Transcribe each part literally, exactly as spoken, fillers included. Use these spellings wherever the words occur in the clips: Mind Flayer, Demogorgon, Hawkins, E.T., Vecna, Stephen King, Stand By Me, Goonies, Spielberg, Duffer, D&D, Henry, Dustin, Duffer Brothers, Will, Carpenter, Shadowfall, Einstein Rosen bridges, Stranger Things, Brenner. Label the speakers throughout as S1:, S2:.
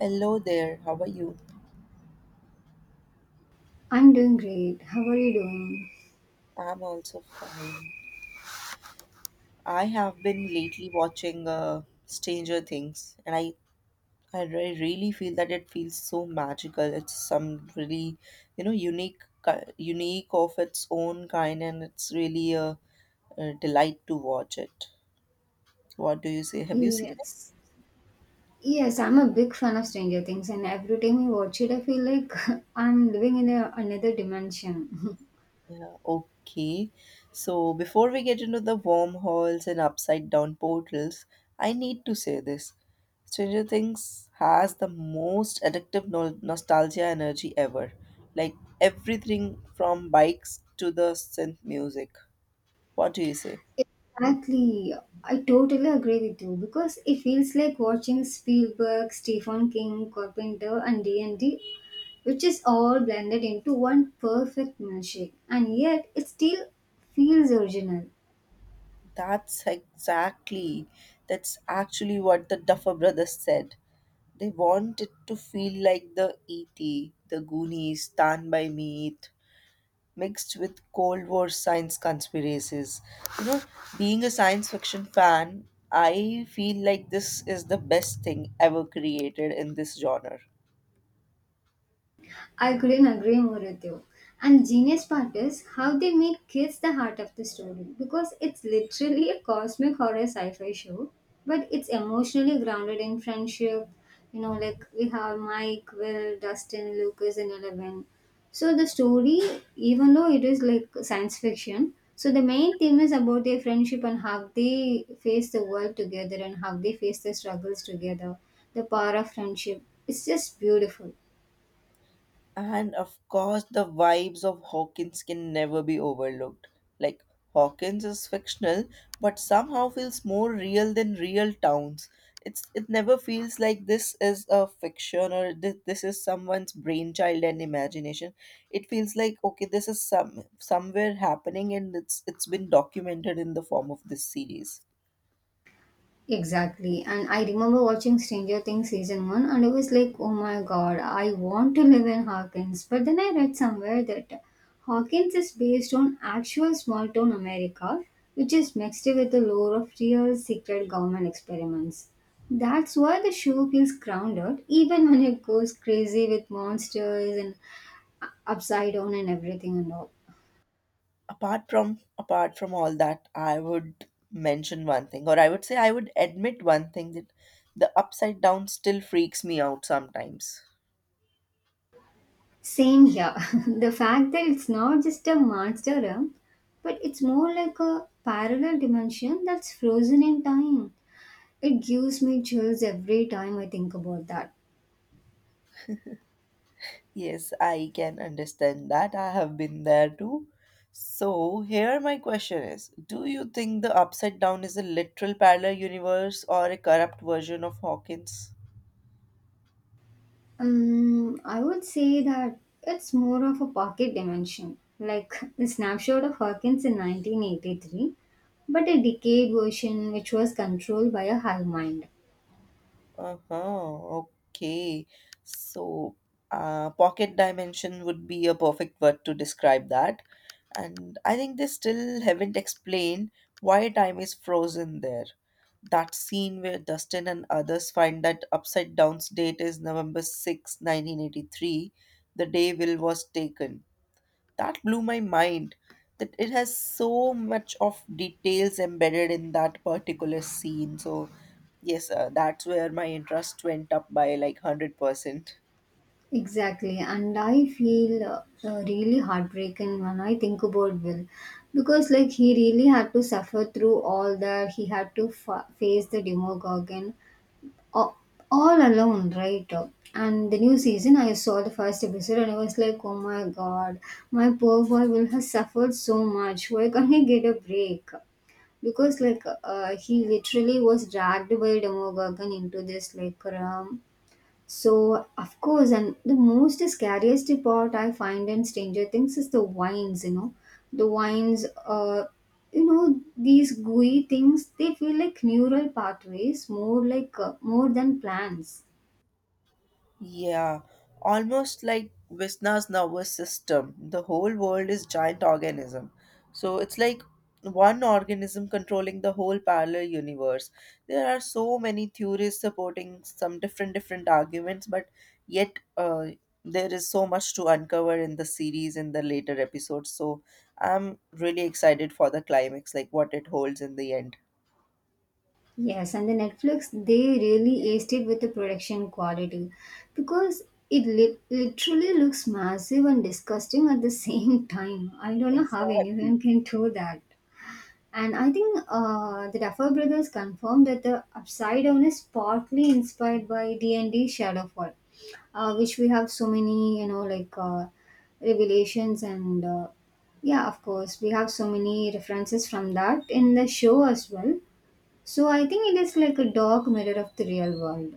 S1: Hello there, how are you?
S2: I'm doing great. How are you doing?
S1: I'm also fine. I have been lately watching uh, Stranger Things, and I, I re- really feel that it feels so magical. It's some really, you know, unique, ki- unique of its own kind, and it's really a, a delight to watch it. What do you say? Have you seen?
S2: Yes. Yes, I'm a big fan of Stranger Things, and every time I watch it, I feel like I'm living in a, another dimension.
S1: Okay, so before we get into the wormholes and upside down portals, I need to say this. Stranger Things has the most addictive no- nostalgia energy ever. Like everything from bikes to the synth music. What do you say?
S2: Exactly. I totally agree with you because it feels like watching Spielberg, Stephen King, Carpenter, and D and D, which is all blended into one perfect milkshake, and yet it still feels original.
S1: That's exactly, that's actually what the Duffer Brothers said. They want it to feel like the E T, the Goonies, Stand By Me, mixed with Cold War science conspiracies. You know, being a science fiction fan, I feel like this is the best thing ever created in this genre.
S2: I couldn't agree more with you. And the genius part is how they made kids the heart of the story because it's literally a cosmic horror sci-fi show, but it's emotionally grounded in friendship. You know, like we have Mike, Will, Dustin, Lucas, and Eleven. So the story, even though it is like science fiction, so the main theme is about their friendship and how they face the world together and how they face the struggles together. The power of friendship. It's just beautiful.
S1: And of course, the vibes of Hawkins can never be overlooked. Like, Hawkins is fictional, but somehow feels more real than real towns. It's, it never feels like this is a fiction or this, this is someone's brainchild and imagination. It feels like okay, this is some somewhere happening and it's it's been documented in the form of this series.
S2: Exactly. And I remember watching Stranger Things season one, and I was like, oh my god, I want to live in Hawkins. But then I read somewhere that Hawkins is based on actual small town America, which is mixed with the lore of real secret government experiments. That's why the show feels grounded, even when it goes crazy with monsters and upside down and everything and all.
S1: apart from apart from all that, I would mention one thing, or I would say I would admit one thing, that the upside down still freaks me out sometimes.
S2: Same here. The fact that it's not just a monster realm, but it's more like a parallel dimension that's frozen in time. It gives me chills every time I think about that.
S1: Yes, I can understand that. I have been there too. So here my question is, do you think the upside down is a literal parallel universe or a corrupt version of Hawkins?
S2: Um, I would say that it's more of a pocket dimension, like the snapshot of Hawkins in nineteen eighty-three, but a decayed version which was controlled by a hive mind.
S1: Uh-huh. Okay. So, uh, pocket dimension would be a perfect word to describe that. And I think they still haven't explained why time is frozen there. That scene where Dustin and others find that upside down's date is November sixth, nineteen eighty-three, the day Will was taken, that blew my mind, that it has so much of details embedded in that particular scene. So yes, uh, that's where my interest went up by like one hundred percent.
S2: Exactly, and I feel uh, uh, really heartbroken when I think about Will because, like, he really had to suffer through all that. He had to fa- face the Demogorgon all, all alone, right? And the new season, I saw the first episode and I was like, oh my god, my poor boy Will has suffered so much. Why can't he get a break? Because like uh, he literally was dragged by Demogorgon into this like realm. So, of course, and the most scariest part I find in Stranger Things is the wines, you know. The wines, uh, you know, these gooey things, they feel like neural pathways, more like, uh, more than plants.
S1: Yeah, almost like Vishna's nervous system. The whole world is giant organism. So it's like one organism controlling the whole parallel universe. There are so many theories supporting some different different arguments, but yet uh, there is so much to uncover in the series in the later episodes. So I'm really excited for the climax, like what it holds in the end.
S2: Yes, and the Netflix, they really aced it with the production quality because it li- literally looks massive and disgusting at the same time. I don't know how
S1: Exactly.
S2: anyone can do that. And I think uh, the Duffer brothers confirmed that the Upside Down is partly inspired by D and D Shadowfall, uh, which we have so many, you know, like uh, revelations, and uh, yeah, of course, we have so many references from that in the show as well. So I think it is like a dark mirror of the real world.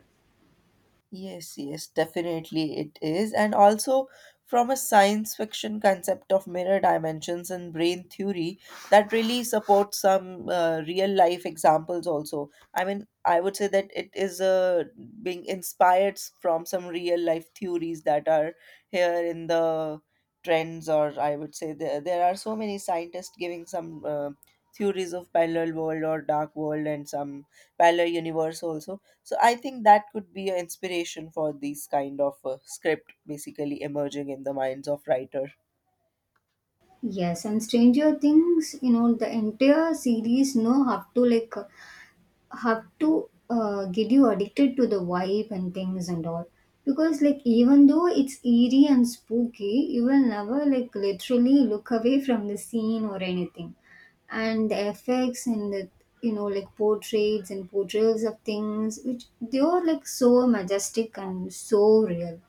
S1: Yes, yes, definitely it is. And also from a science fiction concept of mirror dimensions and brain theory, that really supports some uh, real life examples also. I mean, I would say that it is uh, being inspired s- from some real life theories that are here in the trends, or I would say there, there are so many scientists giving some uh, theories of parallel world or dark world and some parallel universe also. So I think that could be an inspiration for these kind of uh, script basically emerging in the minds of writer.
S2: Yes, and Stranger Things, you know, the entire series know how to like have to uh, get you addicted to the vibe and things and all, because like even though it's eerie and spooky, you will never like literally look away from the scene or anything. And the effects and the you know like portraits and portrayals of things, which they are like so majestic and so real.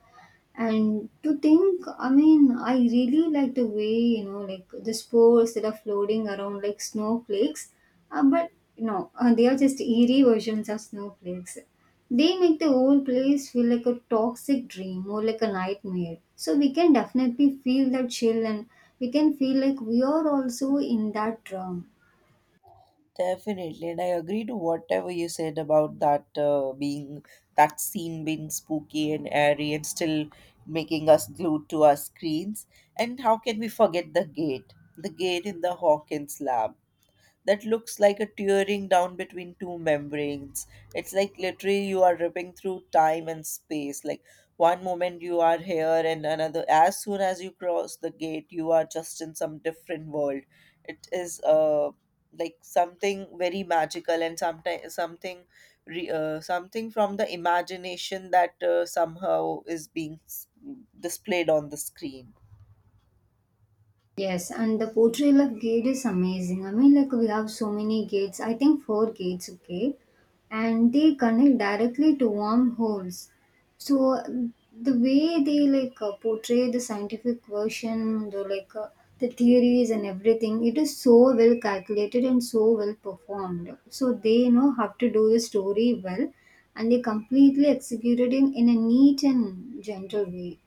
S2: And to think, I mean, I really like the way, you know, like the spores that are floating around like snowflakes. Uh, but no, uh, they are just eerie versions of snowflakes. They make the whole place feel like a toxic dream or like a nightmare. So we can definitely feel that chill, and we can feel like we are also in that dream.
S1: Definitely, and I agree to whatever you said about that, uh, being that scene being spooky and airy and still making us glued to our screens. And how can we forget the gate? The gate in the Hawkins lab that looks like a tearing down between two membranes. It's like literally you are ripping through time and space. Like one moment you are here, and another, as soon as you cross the gate, you are just in some different world. It is uh, like something very magical, and sometimes something re- uh, something from the imagination that uh, somehow is being s- displayed on the screen.
S2: Yes, and the portrayal of gate is amazing. I mean, like we have so many gates. I think four gates, okay, and they connect directly to wormholes. So uh, the way they like uh, portray the scientific version, the like uh, the theories and everything, it is so well calculated and so well performed. So they, you know have to do the story well, and they completely executed in in a neat and gentle way.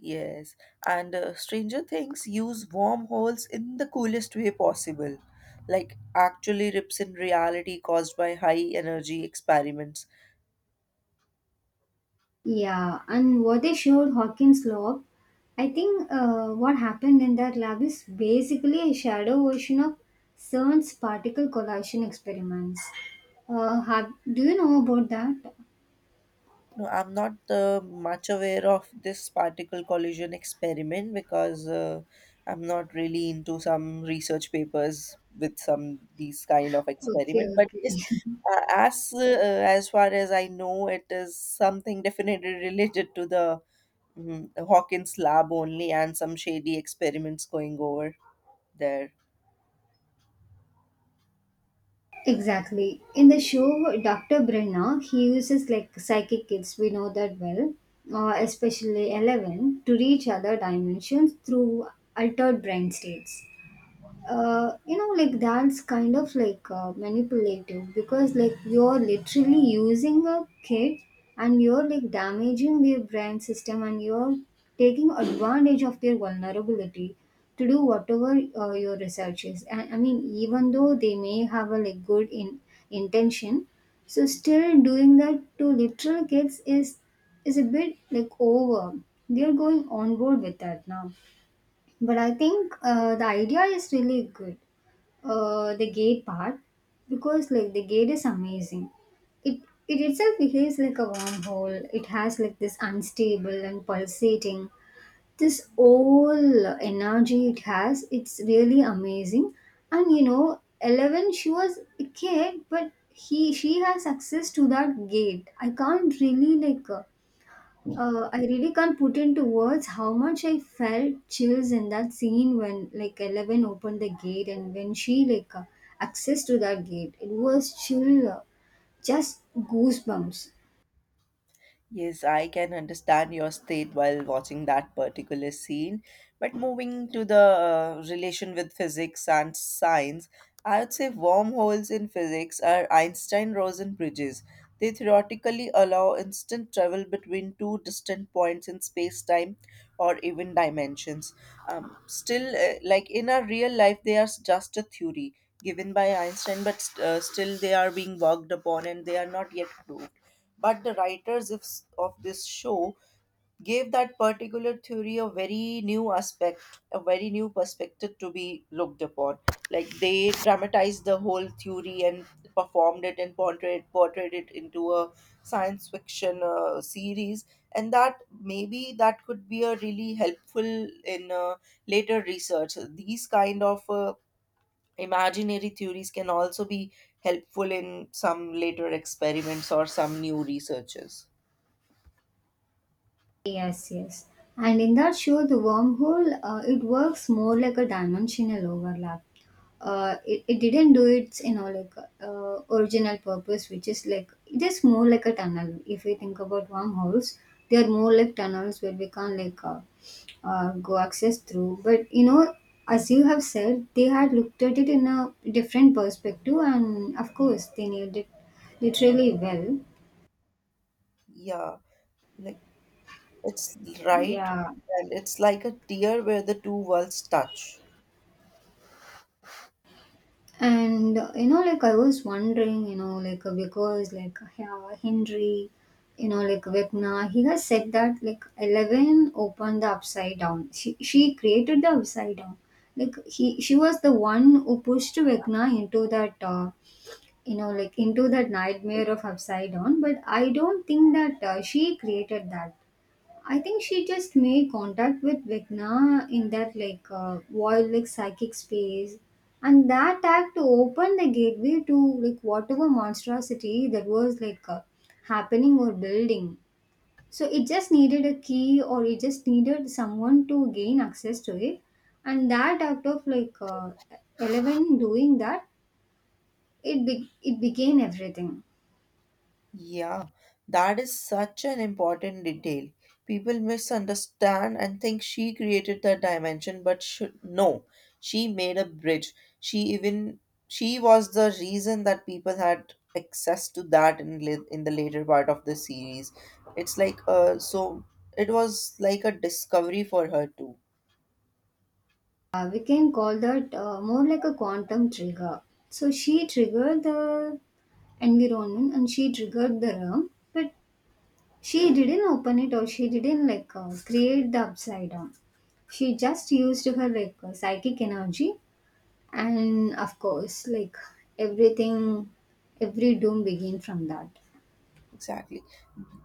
S1: Yes, and uh, Stranger Things use wormholes in the coolest way possible, like actually rips in reality caused by high energy experiments.
S2: Yeah, and what they showed Hawkins' lab, I think uh, what happened in that lab is basically a shadow version of CERN's particle collision experiments. Uh, have, do you know about that?
S1: No, I'm not uh, much aware of this particle collision experiment, because uh, I'm not really into some research papers with some these kind of
S2: Okay,
S1: experiment. But
S2: okay.
S1: yes, uh, as uh, as far as I know, it is something definitely related to the, mhm, the Hawkins lab only, and some shady experiments going over there.
S2: Exactly. In the show, Doctor Brenner, he uses like psychic kids, we know that well, uh, especially eleven, to reach other dimensions through altered brain states. Uh, you know like that's kind of like uh, manipulative, because like you're literally using a kid, and you're like damaging their brain system, and you're taking advantage of their vulnerability to do whatever uh, your research is. And I mean, even though they may have a like good in intention, so still doing that to literal kids is is a bit like over. They're going on board with that now, but I think uh, the idea is really good. Uh, the gay part, because like the gate is amazing. It it itself behaves like a wormhole. It has like this unstable and pulsating. This whole energy it has, it's really amazing. And you know, Eleven, she was a kid, but he she has access to that gate. I can't really like uh, uh, I really can't put into words how much I felt chills in that scene when like Eleven opened the gate, and when she like uh, accessed to that gate. It was chill, uh, just goosebumps.
S1: Yes, I can understand your state while watching that particular scene. But moving to the uh, relation with physics and science, I would say wormholes in physics are Einstein Rosen bridges. They theoretically allow instant travel between two distant points in space time or even dimensions. Um, still, uh, like in our real life, they are just a theory given by Einstein, but st- uh, still they are being worked upon and they are not yet proved. But the writers of of this show gave that particular theory a very new aspect, a very new perspective to be looked upon. Like they dramatized the whole theory and performed it and portrayed portrayed it into a science fiction uh, series, and that, maybe that could be a really helpful in uh, later research. These kind of uh, imaginary theories can also be helpful in some later experiments or some new researches.
S2: Yes, yes. And in that show, the wormhole, uh, it works more like a dimensional overlap. Uh, it, it didn't do its, you know, like uh, original purpose, which is like it is more like a tunnel. If we think about wormholes, they are more like tunnels where we can't like uh, uh, go access through. But you know, as you have said, they had looked at it in a different perspective, and of course, they nailed it literally well.
S1: Yeah, like it's right,
S2: Yeah.
S1: and it's like a tear where the two worlds touch.
S2: And uh, you know, like I was wondering, you know, like uh, because like yeah, Henry, you know, like Vecna, he has said that like Eleven opened the upside down. She she created the upside down. Like he she was the one who pushed Vecna into that uh, you know like into that nightmare of upside down. But I don't think that uh, she created that. I think she just made contact with Vecna in that like uh, wild like psychic space, and that act opened the gateway to like whatever monstrosity that was like uh, happening or building. So it just needed a key, or it just needed someone to gain access to it, and that act of like uh, Eleven doing that, it be- it became everything.
S1: Yeah, that is such an important detail. People misunderstand and think she created the dimension, but should no, she made a bridge. She even, she was the reason that people had access to that in la- in the later part of the series. It's like uh, so it was like a discovery for her too.
S2: Uh, we can call that uh, more like a quantum trigger. So she triggered the environment, and she triggered the room, but she didn't open it, or she didn't like uh, create the upside down. She just used her like uh, psychic energy, and of course, like everything, every doom begin from that.
S1: Exactly.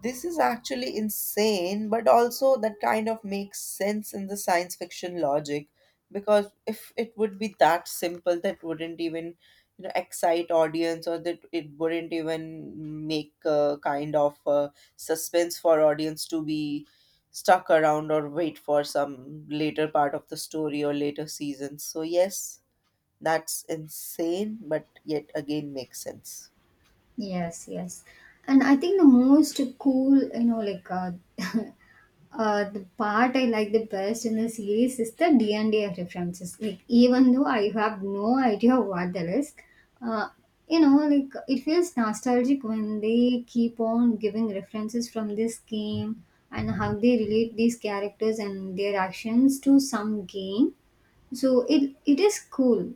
S1: This is actually insane, but also that kind of makes sense in the science fiction logic, because if it would be that simple, that wouldn't even, you know, excite audience, or that it wouldn't even make a kind of uh suspense for audience to be stuck around or wait for some later part of the story or later seasons. So yes, that's insane, but yet again makes sense.
S2: Yes, yes. And I think the most cool, you know, like uh, uh, the part I like the best in the series is the D and D references. Like even though I have no idea what that is, uh, you know, like it feels nostalgic when they keep on giving references from this game, and how they relate these characters and their actions to some game. So it it is cool.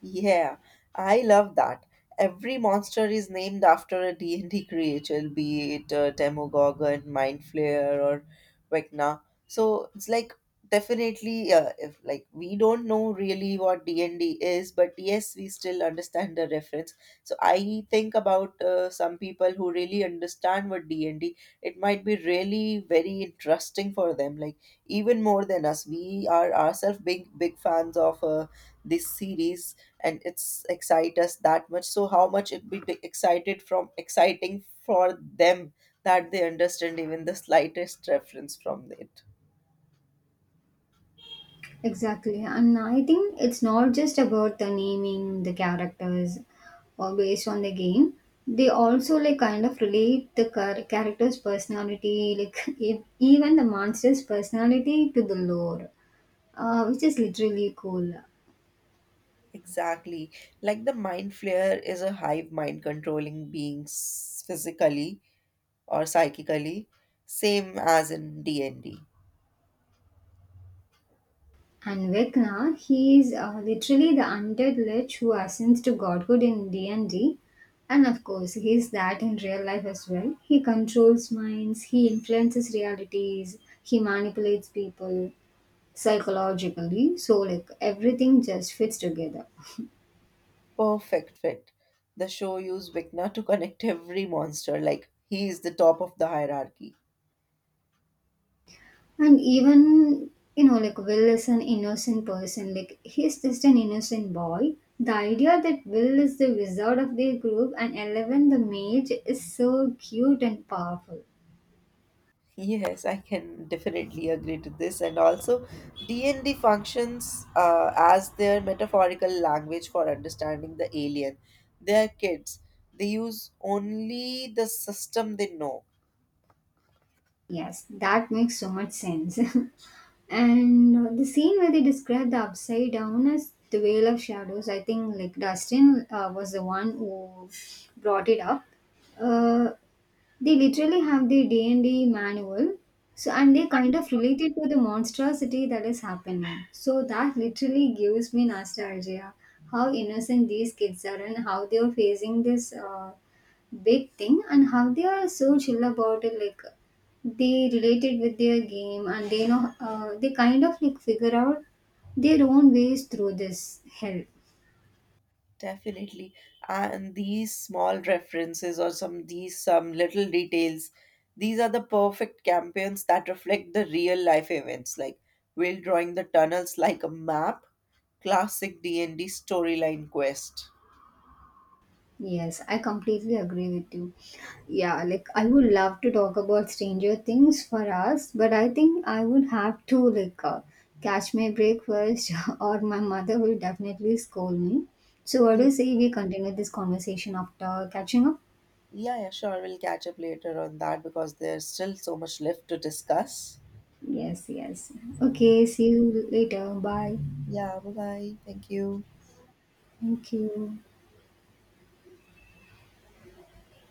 S1: Yeah, I love that. Every monster is named after a D and d creature, be it uh, Demogorgon, Mind Flayer, or Vecna. So it's like definitely uh, if like we don't know really what D and D is, but yes, we still understand the reference. So I think about uh, some people who really understand what D and D, it might be really very interesting for them, like even more than us. We are ourselves big big fans of uh, this series, and it's excite us that much, so how much it be be excited from exciting for them, that they understand even the slightest reference from it.
S2: Exactly. And I think it's not just about the naming the characters or based on the game. They also like kind of relate the char- character's personality, like e- even the monster's personality to the lore, uh, which is literally cool.
S1: Exactly, like the mind flayer is a hive mind controlling beings physically or psychically, same as in d&d.
S2: And Vecna, he is uh, literally the undead lich who ascends to godhood in D and D. And D. And of course, he is that in real life as well. He controls minds, he influences realities, he manipulates people psychologically. So like everything just fits together.
S1: Perfect fit. The show used Vikna to connect every monster, like he is the top of the hierarchy.
S2: And even, you know, like Will is an innocent person. Like he's just an innocent boy. The idea that Will is the wizard of their group and Eleven the mage is so cute and powerful.
S1: Yes, I can definitely agree to this. And also, D and D functions uh, as their metaphorical language for understanding the alien. They are kids. They use only the system they know.
S2: Yes, that makes so much sense. and uh, the scene where they describe the upside down as the veil of shadows, I think like Dustin uh, was the one who brought it up. Uh, they literally have the D and D manual. So and they kind of relate it to the monstrosity that is happening. So that literally gives me nostalgia. How innocent these kids are, and how they are facing this uh, big thing, and how they are so chill about it. Like they related with their game, and they know uh, they kind of like figure out their own ways through this help.
S1: Definitely. And these small references or some these some little details, these are the perfect campaigns that reflect the real life events, like Will drawing the tunnels like a map, classic D and D storyline quest.
S2: Yes, I completely agree with you. Yeah, like I would love to talk about Stranger Things for us, but I think I would have to like uh, catch my break first. Or my mother will definitely scold me. So what do you say we continue this conversation after catching up?
S1: Yeah, yeah, sure. We'll catch up later on that because there's still so much left to discuss.
S2: Yes, yes. Okay, see you later. Bye.
S1: Yeah, bye bye. Thank you.
S2: Thank you.